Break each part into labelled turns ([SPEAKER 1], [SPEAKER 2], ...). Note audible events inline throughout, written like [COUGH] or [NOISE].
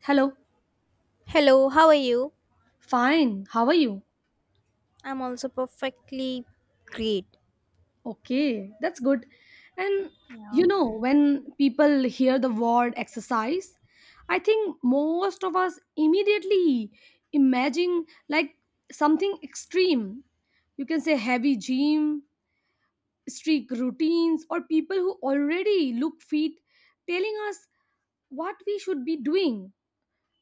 [SPEAKER 1] Hello.
[SPEAKER 2] Hello, how are you?
[SPEAKER 1] Fine. How are you?
[SPEAKER 2] I'm also perfectly great.
[SPEAKER 1] Okay, that's good. And when people hear the word exercise, I think most of us immediately imagine like something extreme. You can say heavy gym, strict routines, or people who already look fit telling us what we should be doing.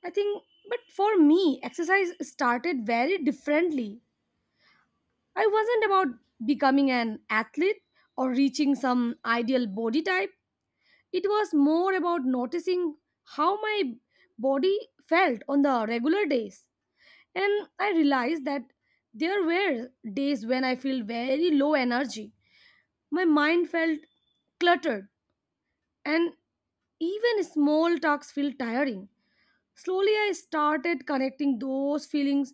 [SPEAKER 1] I think, but for me, exercise started very differently. I wasn't about becoming an athlete or reaching some ideal body type. It was more about noticing how my body felt on the regular days. And I realized that there were days when I felt very low energy. My mind felt cluttered, and even small talks feel tiring. Slowly, I started connecting those feelings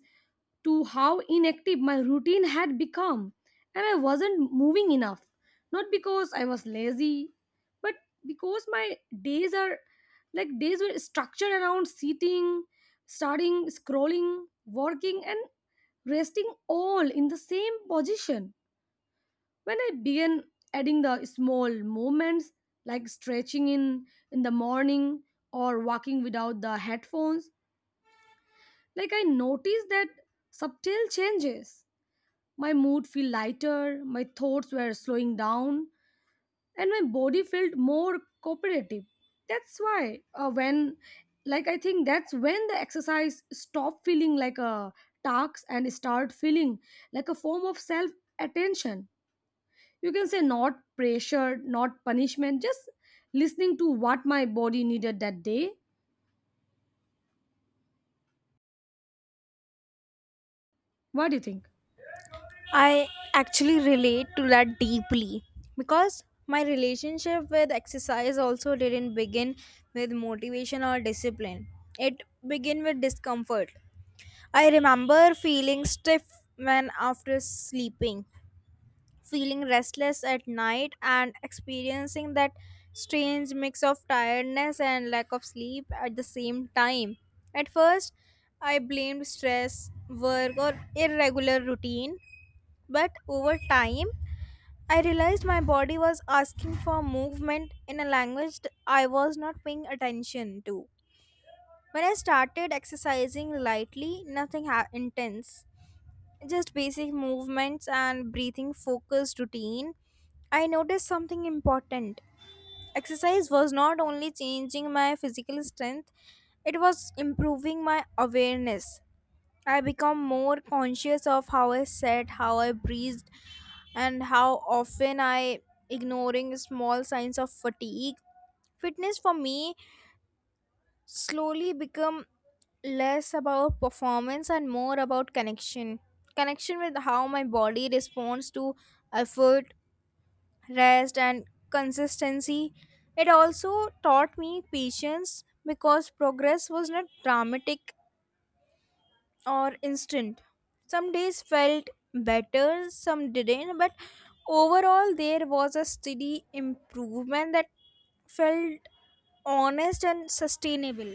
[SPEAKER 1] to how inactive my routine had become, and I wasn't moving enough. Not because I was lazy, but because my days are like days were structured around sitting, starting, scrolling, working, and resting all in the same position. When I began adding the small movements like stretching in the morning or walking without the headphones, like I noticed that subtle changes. My mood feel lighter, my thoughts were slowing down, and my body felt more cooperative. That's why when like I think that's when the exercise stop feeling like a task and start feeling like a form of self attention. You can say not pressure, not punishment, just listening to what my body needed that day. What do you think?
[SPEAKER 2] I actually relate to that deeply because my relationship with exercise also didn't begin with motivation or discipline. It began with discomfort. I remember feeling stiff when after sleeping feeling restless at night and experiencing that strange mix of tiredness and lack of sleep at the same time. At first, I blamed stress, work, or irregular routine, but over time, I realized my body was asking for movement in a language I was not paying attention to. When I started exercising lightly, nothing intense, just basic movements and breathing focused routine, I noticed something important. Exercise was not only changing my physical strength, it was improving my awareness. I become more conscious of how I sat, how I breathed, and how often I ignoring small signs of fatigue. Fitness for me slowly become less about performance and more about connection. Connection with how my body responds to effort, rest, and consistency. It also taught me patience because progress was not dramatic or instant. Some days felt better, some didn't, but overall, there was a steady improvement that felt honest and sustainable.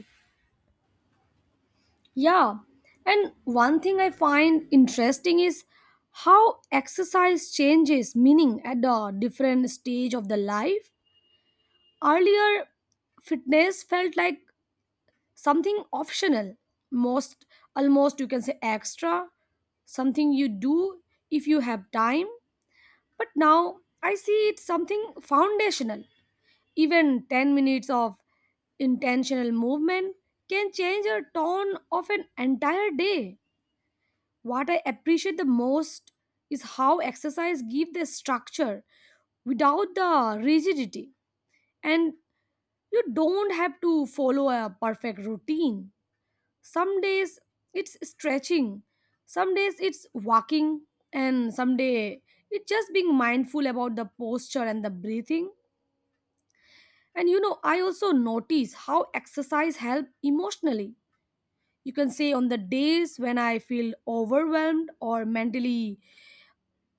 [SPEAKER 1] Yeah, and one thing I find interesting is how exercise changes meaning at the different stage of the life. Earlier, fitness felt like something optional, most almost you can say extra, something you do if you have time. But now I see it's something foundational. Even 10 minutes of intentional movement can change the tone of an entire day. What I appreciate the most is how exercise give the structure without the rigidity. And you don't have to follow a perfect routine. Some days it's stretching, some days it's walking, and some day it's just being mindful about the posture and the breathing. And I also notice how exercise help emotionally. You can say on the days when I feel overwhelmed or mentally,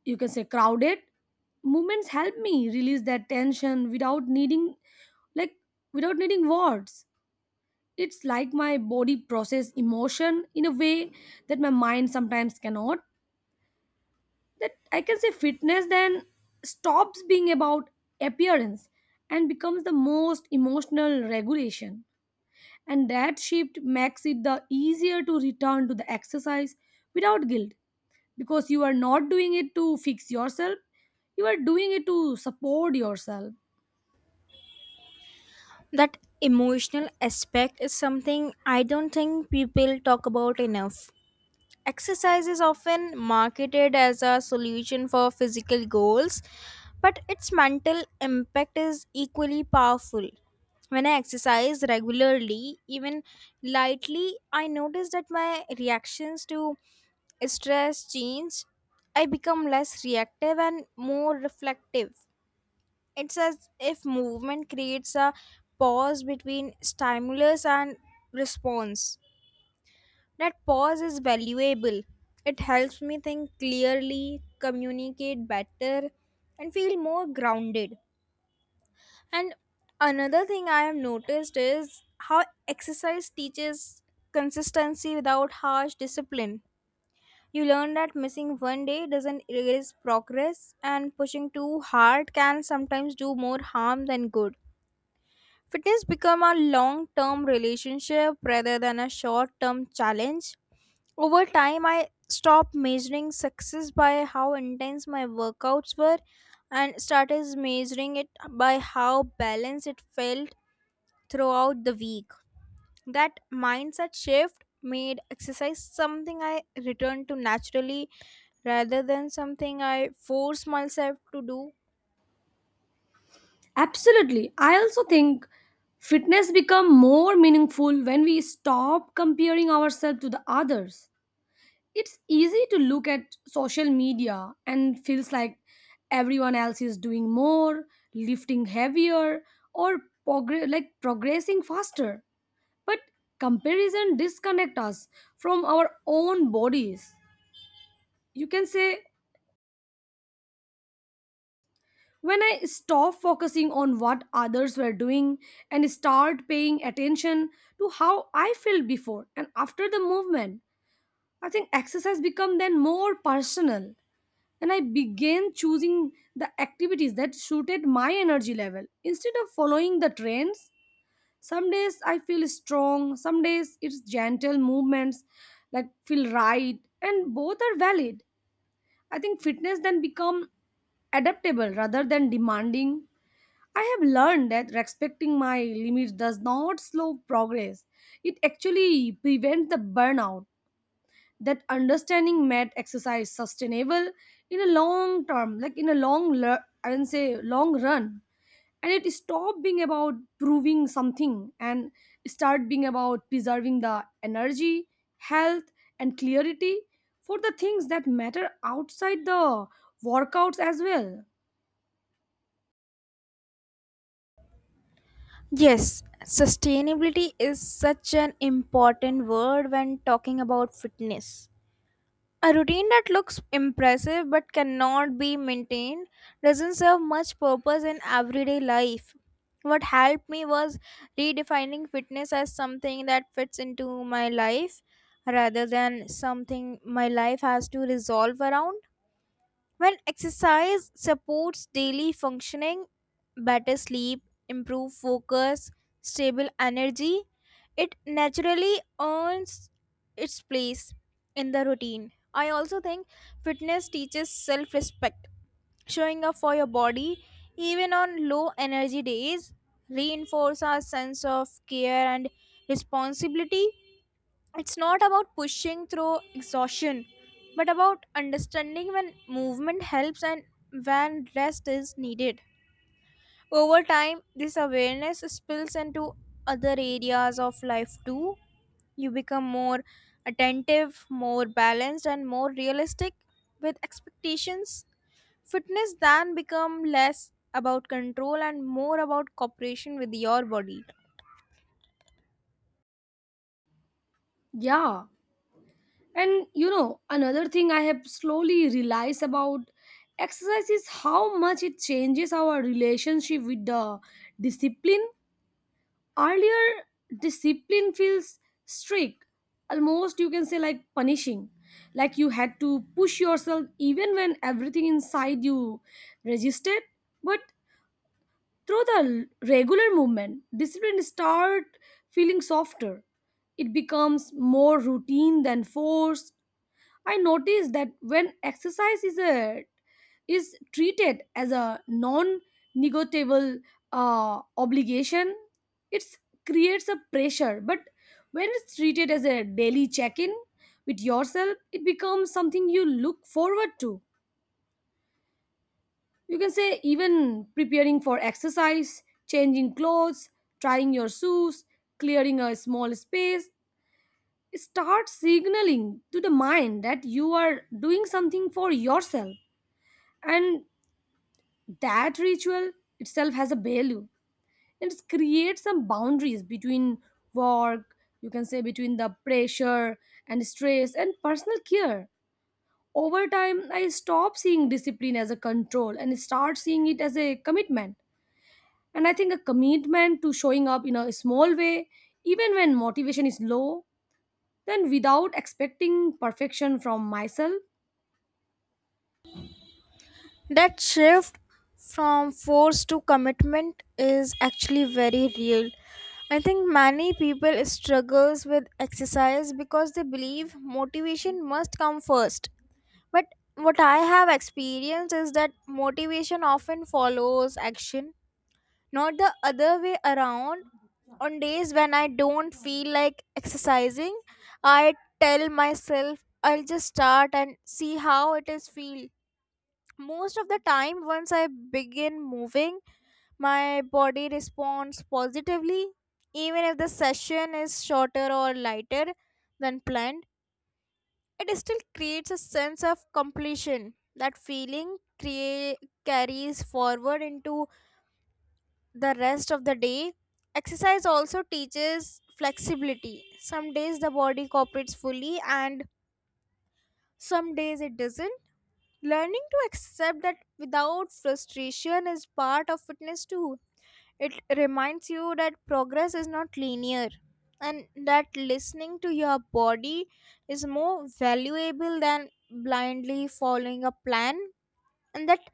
[SPEAKER 1] you can say crowded, movements help me release that tension without needing, like without needing words. It's like my body process emotion in a way that my mind sometimes cannot. That I can say fitness then stops being about appearance and becomes the most emotional regulation, and that shift makes it the easier to return to the exercise without guilt, because you are not doing it to fix yourself, you are doing it to support yourself.
[SPEAKER 2] That emotional aspect is something I don't think people talk about enough. Exercise is often marketed as a solution for physical goals, but its mental impact is equally powerful. When I exercise regularly, even lightly, I notice that my reactions to stress change. I become less reactive and more reflective. It's as if movement creates a pause between stimulus and response. That pause is valuable. It helps me think clearly, communicate better, and feel more grounded. And another thing I have noticed is how exercise teaches consistency without harsh discipline. You learn that missing one day doesn't erase progress, and pushing too hard can sometimes do more harm than good. Fitness become a long-term relationship rather than a short-term challenge. Over time, I stopped measuring success by how intense my workouts were and started measuring it by how balanced it felt throughout the week. That mindset shift made exercise something I returned to naturally rather than something I forced myself to do.
[SPEAKER 1] Absolutely. I also think fitness become more meaningful when we stop comparing ourselves to the others. It's easy to look at social media and feels like everyone else is doing more, lifting heavier, or like progressing faster. But comparison disconnect us from our own bodies. You can say when I stop focusing on what others were doing and start paying attention to how I felt before and after the movement, I think exercise become then more personal, and I began choosing the activities that suited my energy level instead of following the trends. Some days I feel strong, some days it's gentle movements like feel right, and both are valid. I think fitness then become adaptable rather than demanding. I have learned that respecting my limits does not slow progress. It actually prevents the burnout. That understanding made exercise sustainable in a long term, like in a long, I can say long run. And it stopped being about proving something and start being about preserving the energy, health, and clarity for the things that matter outside the workouts as well.
[SPEAKER 2] Yes, sustainability is such an important word when talking about fitness. A routine that looks impressive but cannot be maintained doesn't serve much purpose in everyday life. What helped me was redefining fitness as something that fits into my life rather than something my life has to resolve around. When exercise supports daily functioning, better sleep, improved focus, stable energy, it naturally earns its place in the routine. I also think fitness teaches self respect. Showing up for your body, even on low energy days, reinforces our sense of care and responsibility. It's not about pushing through exhaustion, but about understanding when movement helps and when rest is needed. Over time, this awareness spills into other areas of life too. You become more attentive, more balanced, and more realistic with expectations. Fitness then become less about control and more about cooperation with your body.
[SPEAKER 1] Yeah. And another thing I have slowly realized about exercise is how much it changes our relationship with the discipline. Earlier, discipline feels strict, almost you can say like punishing. Like you had to push yourself even when everything inside you resisted. But through the regular movement, discipline start feeling softer. It becomes more routine than force. I noticed that when exercise is treated as a non-negotiable obligation, it creates a pressure. But when it's treated as a daily check-in with yourself, it becomes something you look forward to. You can say even preparing for exercise, changing clothes, trying your shoes, clearing a small space. Start signaling to the mind that you are doing something for yourself, and that ritual itself has a value. It creates some boundaries between work, you can say between the pressure and stress and personal care. Over time I stop seeing discipline as a control and start seeing it as a commitment, and I think a commitment to showing up in a small way, even when motivation is low, then without expecting perfection from myself.
[SPEAKER 2] That shift from force to commitment is actually very real. I think many people struggles with exercise because they believe motivation must come first. But what I have experienced is that motivation often follows action, not the other way around. On days when I don't feel like exercising, I tell myself I'll just start and see how it is feel. Most of the time, once I begin moving, my body responds positively. Even if the session is shorter or lighter than planned, it still creates a sense of completion that carries forward into the rest of the day. Exercise also teaches flexibility. Some days the body cooperates fully and some days it doesn't. Learning to accept that without frustration is part of fitness too. It reminds you that progress is not linear and that listening to your body is more valuable than blindly following a plan, and that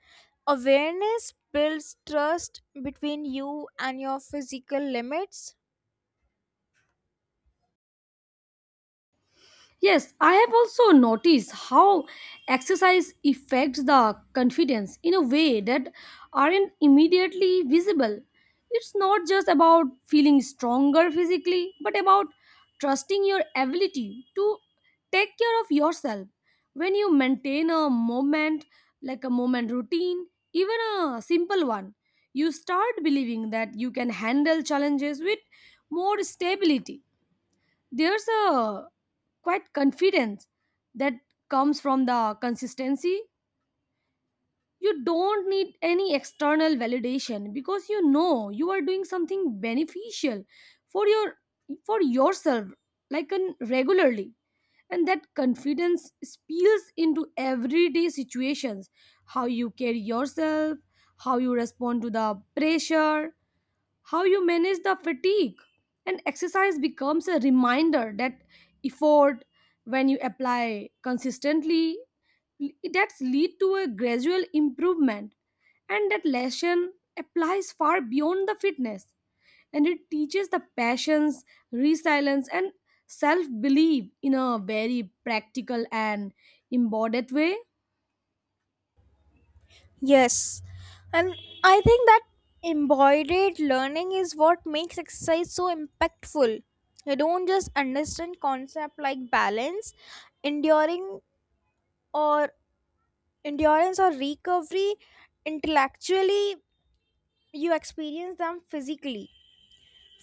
[SPEAKER 2] awareness builds trust between you and your physical limits.
[SPEAKER 1] Yes, I have also noticed how exercise affects the confidence in a way that aren't immediately visible. It's not just about feeling stronger physically, but about trusting your ability to take care of yourself. When you maintain a moment, like a moment routine, even a simple one, you start believing that you can handle challenges with more stability. There's a quite confidence that comes from the consistency. You don't need any external validation because you know you are doing something beneficial for yourself, like an regularly, and that confidence spills into everyday situations. How you carry yourself, how you respond to the pressure, how you manage the fatigue. And exercise becomes a reminder that effort, when you apply consistently, that's lead to a gradual improvement, and that lesson applies far beyond the fitness, and it teaches the passions, resilience, and self-belief in a very practical and embodied way.
[SPEAKER 2] Yes, and I think that embodied learning is what makes exercise so impactful. You don't just understand concepts like balance, enduring or endurance or recovery intellectually, you experience them physically.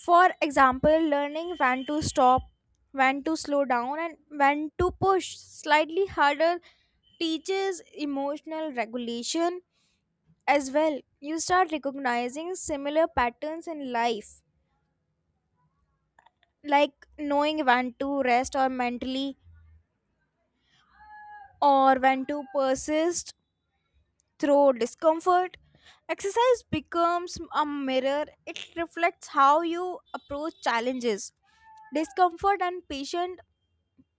[SPEAKER 2] For example, learning when to stop, when to slow down, and when to push slightly harder teaches emotional regulation as well. You start recognizing similar patterns in life, like knowing when to rest or mentally or when to persist through discomfort. Exercise becomes a mirror. It reflects how you approach challenges, discomfort and patient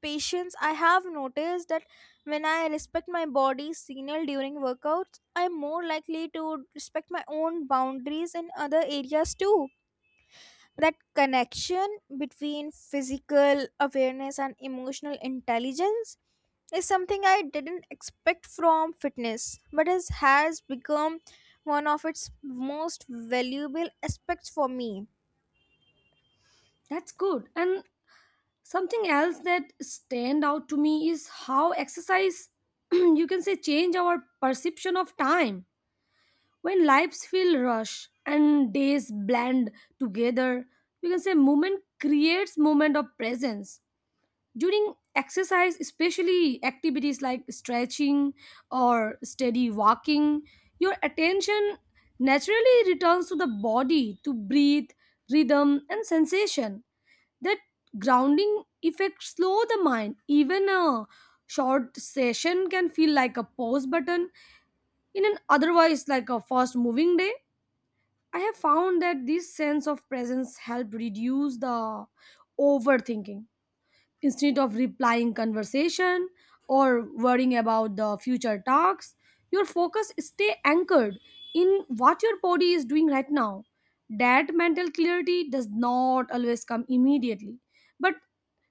[SPEAKER 2] patience. I have noticed that when I respect my body's signal during workouts I'm more likely to respect my own boundaries in other areas too. That connection between physical awareness and emotional intelligence is something I didn't expect from fitness, but has become one of its most valuable aspects for me.
[SPEAKER 1] That's good. And something else that stand out to me is how exercise [CLEARS THROAT] you can say change our perception of time. When lives feel rush and days blend together, you can say movement creates moment of presence. During exercise, especially activities like stretching or steady walking, your attention naturally returns to the body to breathe, rhythm and sensation. That grounding effect slow the mind. Even a short session can feel like a pause button in an otherwise like a fast moving day. I have found that this sense of presence help reduce the overthinking. Instead of replying conversation or worrying about the future talks, your focus stay anchored in what your body is doing right now. That mental clarity does not always come immediately, but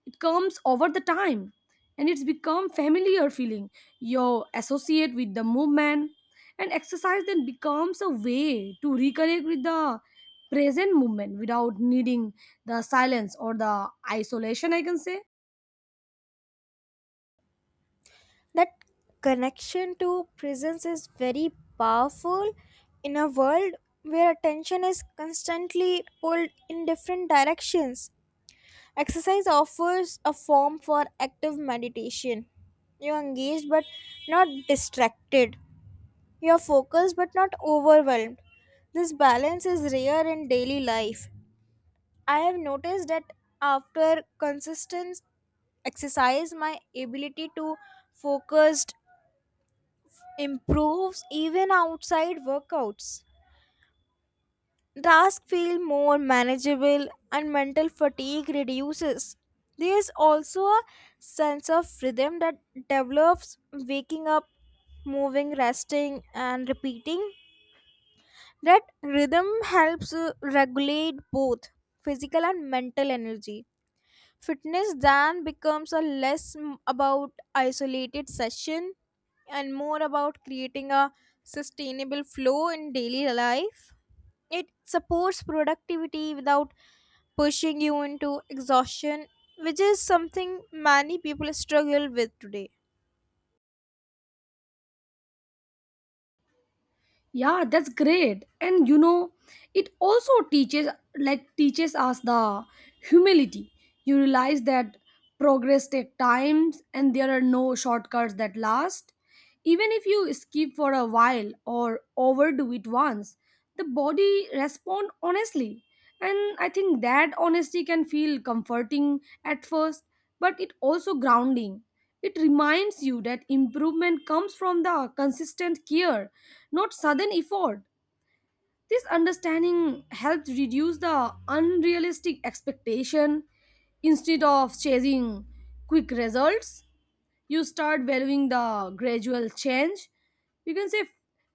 [SPEAKER 1] it comes over the time, and it's become familiar feeling you associate with the movement. And exercise then becomes a way to reconnect with the present movement without needing the silence or the isolation, I can say.
[SPEAKER 2] That connection to presence is very powerful in a world where attention is constantly pulled in different directions. Exercise offers a form for active meditation. You are engaged but not distracted. You are focused but not overwhelmed. This balance is rare in daily life. I have noticed that after consistent exercise, my ability to focus improves even outside workouts. Tasks feel more manageable and mental fatigue reduces. There is also a sense of rhythm that develops: waking up, moving, resting, and repeating. That rhythm helps regulate both physical and mental energy. Fitness then becomes about isolated session and more about creating a sustainable flow in daily life. It supports productivity without pushing you into exhaustion, which is something many people struggle with today.
[SPEAKER 1] Yeah, that's great. And it also teaches us the humility. You realize that progress takes times and there are no shortcuts that last, even if you skip for a while or overdo it once. The body respond honestly, and I think that honesty can feel comforting at first, but it also grounding. It reminds you that improvement comes from the consistent care, not sudden effort. This understanding helps reduce the unrealistic expectation. Instead of chasing quick results, you start valuing the gradual change. You can say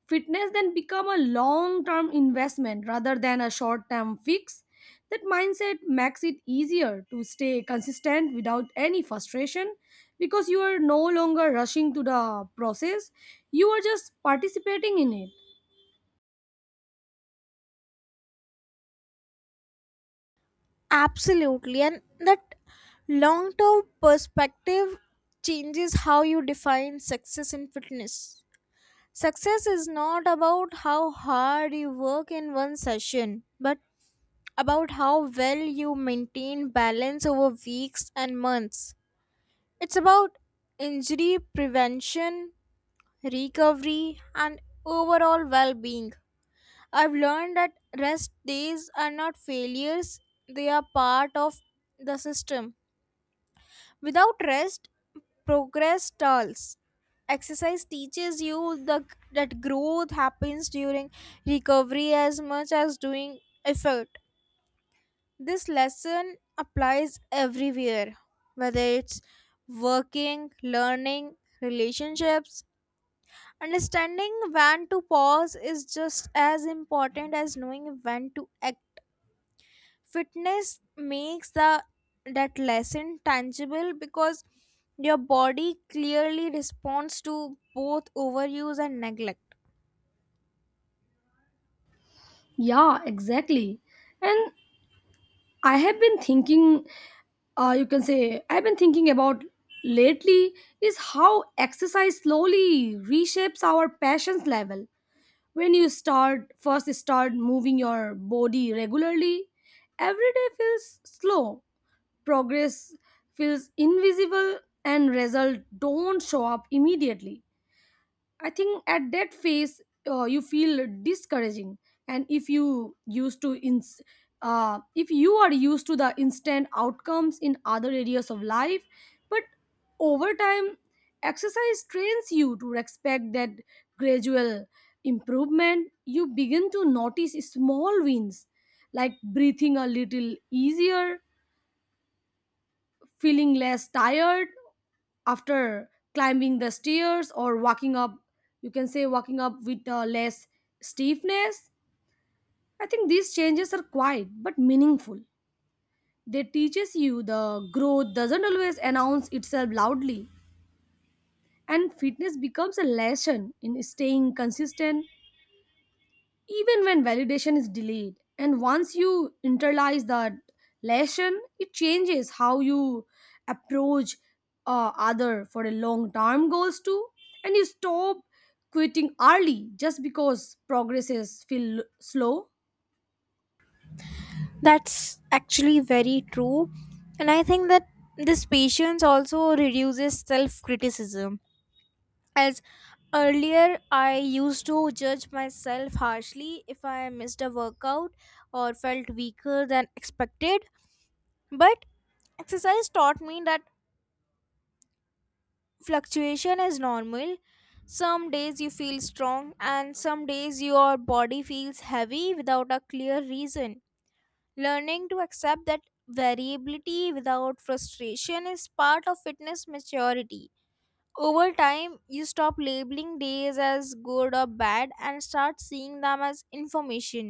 [SPEAKER 1] fitness then become a long term investment rather than a short term fix. That mindset makes it easier to stay consistent without any frustration, because you are no longer rushing to the process, you are just participating in it.
[SPEAKER 2] Absolutely, and that long term perspective changes how you define success in fitness. Success is not about how hard you work in one session, but about how well you maintain balance over weeks and months. It's about injury prevention, recovery, and overall well being. I've learned that rest days are not failures, they are part of the system. Without rest, progress stalls. Exercise teaches you that growth happens during recovery as much as doing effort. This lesson applies everywhere, whether it's working, learning, relationships. Understanding when to pause is just as important as knowing when to act. Fitness makes the that lesson tangible because your body clearly responds to both overuse and neglect.
[SPEAKER 1] Yeah, exactly. And I have been thinking, you can say I've been thinking about lately, is how exercise slowly reshapes our passions level. When you start first start moving your body regularly, every day feels slow, progress feels invisible, and results don't show up immediately. I think at that phase, you feel discouraging, and if you used to ins- if you are used to the instant outcomes in other areas of life, but over time, exercise trains you to respect that gradual improvement. You begin to notice small wins, like breathing a little easier, feeling less tired, after climbing the stairs or walking up, you can say walking up with less stiffness. I think these changes are quiet but meaningful. They teaches you the growth doesn't always announce itself loudly, and fitness becomes a lesson in staying consistent even when validation is delayed. And once you internalize that lesson, it changes how you approach, other for a long term goals too. And you stop quitting early just because progress is feel slow.
[SPEAKER 2] That's actually very true. And I think that this patience also reduces self criticism. As earlier I used to judge myself harshly if I missed a workout or felt weaker than expected, but exercise taught me that fluctuation is normal. Some days you feel strong and some days your body feels heavy without a clear reason. Learning to accept that variability without frustration is part of fitness maturity. Over time, you stop labeling days as good or bad and start seeing them as information.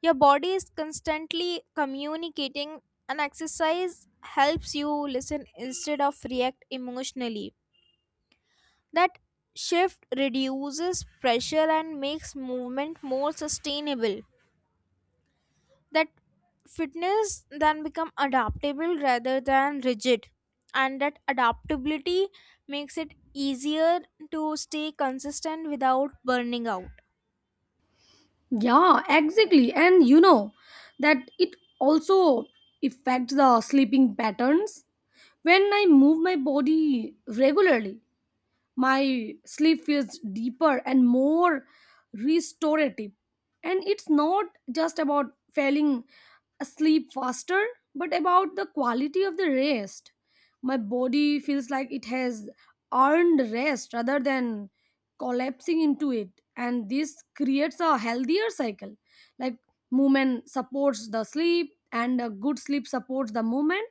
[SPEAKER 2] Your body is constantly communicating, and exercise helps you listen instead of react emotionally. That shift reduces pressure and makes movement more sustainable. That fitness then become adaptable rather than rigid, and that adaptability makes it easier to stay consistent without burning out.
[SPEAKER 1] Yeah, exactly. And you know that it also affects the sleeping patterns. When I move my body regularly, my sleep feels deeper and more restorative, and it's not just about falling asleep faster, but about the quality of the rest. My body feels like it has earned rest rather than collapsing into it, and this creates a healthier cycle. Like movement supports the sleep and a good sleep supports the movement,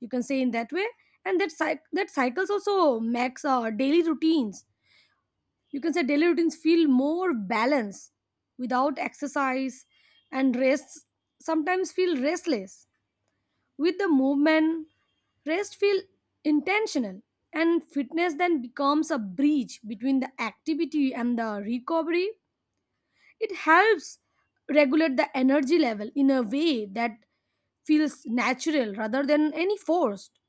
[SPEAKER 1] you can say in that way. And that cycles also makes our daily routines, you can say daily routines feel more balanced. Without exercise and rest sometimes feel restless. With the movement, rest feel intentional, and fitness then becomes a bridge between the activity and the recovery. It helps regulate the energy level in a way that feels natural rather than any forced.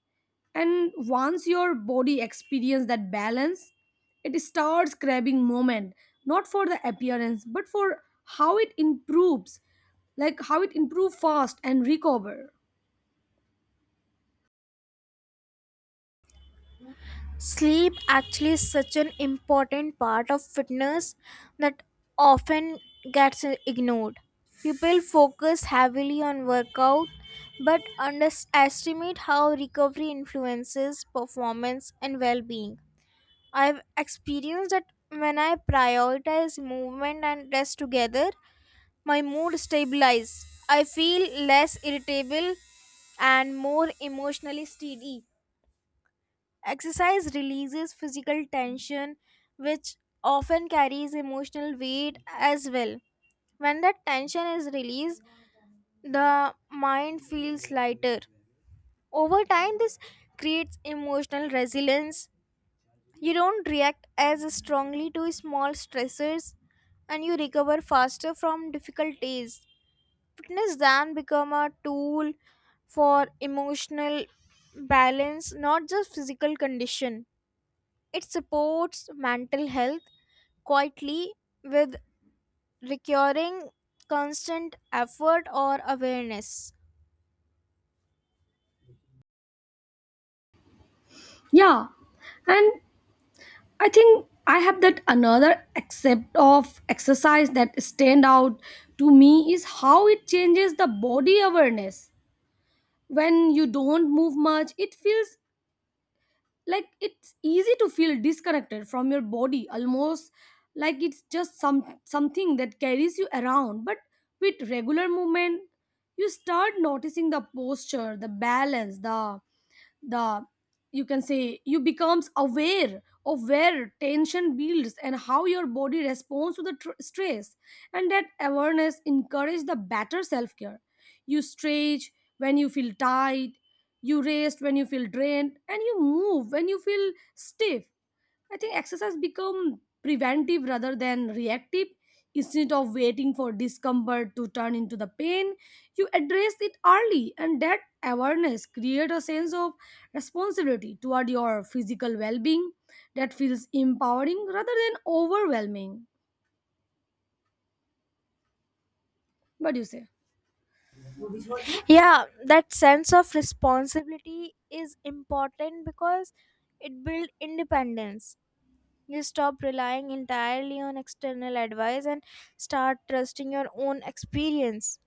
[SPEAKER 1] And once your body experience that balance, it starts grabbing moment, not for the appearance, but for how it improves, like how it improve fast and recover.
[SPEAKER 2] Sleep actually is such an important part of fitness that often gets ignored. People focus heavily on workout but underestimate how recovery influences performance and well-being. I've experienced that when I prioritize movement and rest together, my mood stabilizes. I feel less irritable and more emotionally steady. Exercise releases physical tension, which often carries emotional weight as well. When that tension is released, the mind feels lighter. Over time, this creates emotional resilience. You don't react as strongly to small stressors and you recover faster from difficult days. Fitness then become a tool for emotional balance, not just physical condition. It supports mental health quietly with recurring constant effort or awareness.
[SPEAKER 1] Yeah, and I think I have that another accept of exercise that stand out to me is how it changes the body awareness. When you don't move much, it feels like it's easy to feel disconnected from your body, almost like it's just something that carries you around. But with regular movement, you start noticing the posture, the balance, the you can say you becomes aware of where tension builds and how your body responds to the stress. And that awareness encourages the better self-care. You stretch when you feel tight, you rest when you feel drained, and you move when you feel stiff. I think exercise become preventive rather than reactive. Instead of waiting for discomfort to turn into the pain, you address it early, and that awareness creates a sense of responsibility toward your physical well-being that feels empowering rather than overwhelming. What do you say?
[SPEAKER 2] Yeah, that sense of responsibility is important because it builds independence. You stop relying entirely on external advice and start trusting your own experience.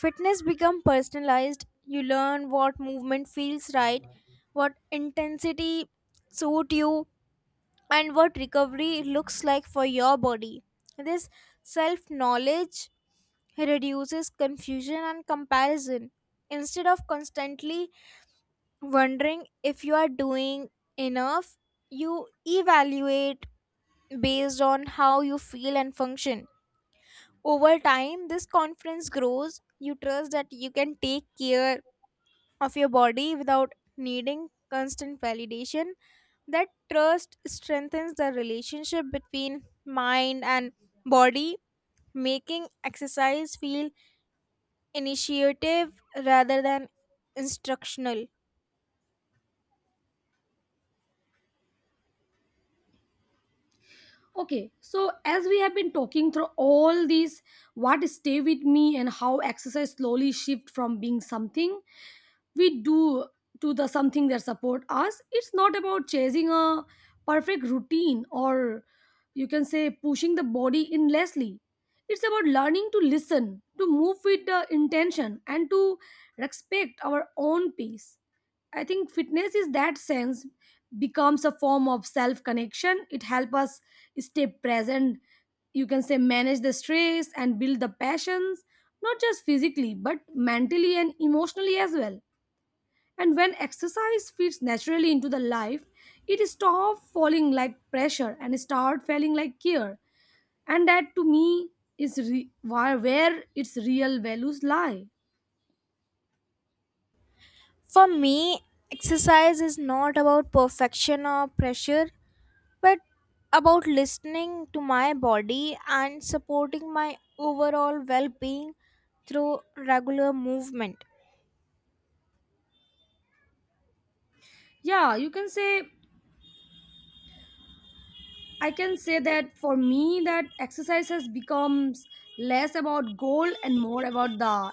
[SPEAKER 2] Fitness become personalized. You learn what movement feels right, what intensity suit you, and what recovery looks like for your body. This self-knowledge reduces confusion and comparison. Instead of constantly wondering if you are doing enough, you evaluate based on how you feel and function. Over time, this confidence grows. You trust that you can take care of your body without needing constant validation. That trust strengthens the relationship between mind and body, making exercise feel initiative rather than instructional.
[SPEAKER 1] Okay, so as we have been talking through all these, what stay with me and how exercise slowly shift from being something we do to the something that support us. It's not about chasing a perfect routine or, you can say, pushing the body endlessly. It's about learning to listen, to move with the intention, and to respect our own pace. I think fitness is that sense becomes a form of self connection. It helps us stay present. You can say manage the stress and build the passions, not just physically, but mentally and emotionally as well. And when exercise fits naturally into the life, it stops falling like pressure and start feeling like care. And that to me is where its real values lie.
[SPEAKER 2] For me, exercise is not about perfection or pressure but about listening to my body and supporting my overall well being through regular movement.
[SPEAKER 1] Yeah, you can say I can say that for me that exercise has becomes less about goal and more about the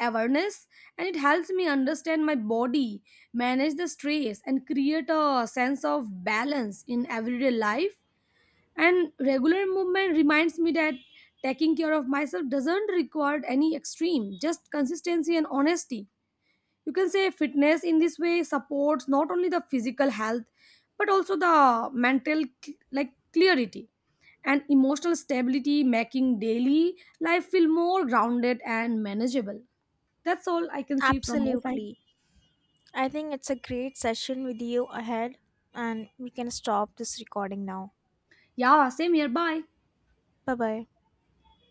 [SPEAKER 1] awareness, and it helps me understand my body, manage the stress, and create a sense of balance in everyday life. And regular movement reminds me that taking care of myself doesn't require any extreme, just consistency and honesty. You can say fitness in this way supports not only the physical health but also the mental clarity and emotional stability, making daily life feel more grounded and manageable. That's all I can say from my side.
[SPEAKER 2] Absolutely. I think it's a great session with you ahead, and we can stop this recording now.
[SPEAKER 1] Yeah, same here. Bye.
[SPEAKER 2] Bye bye.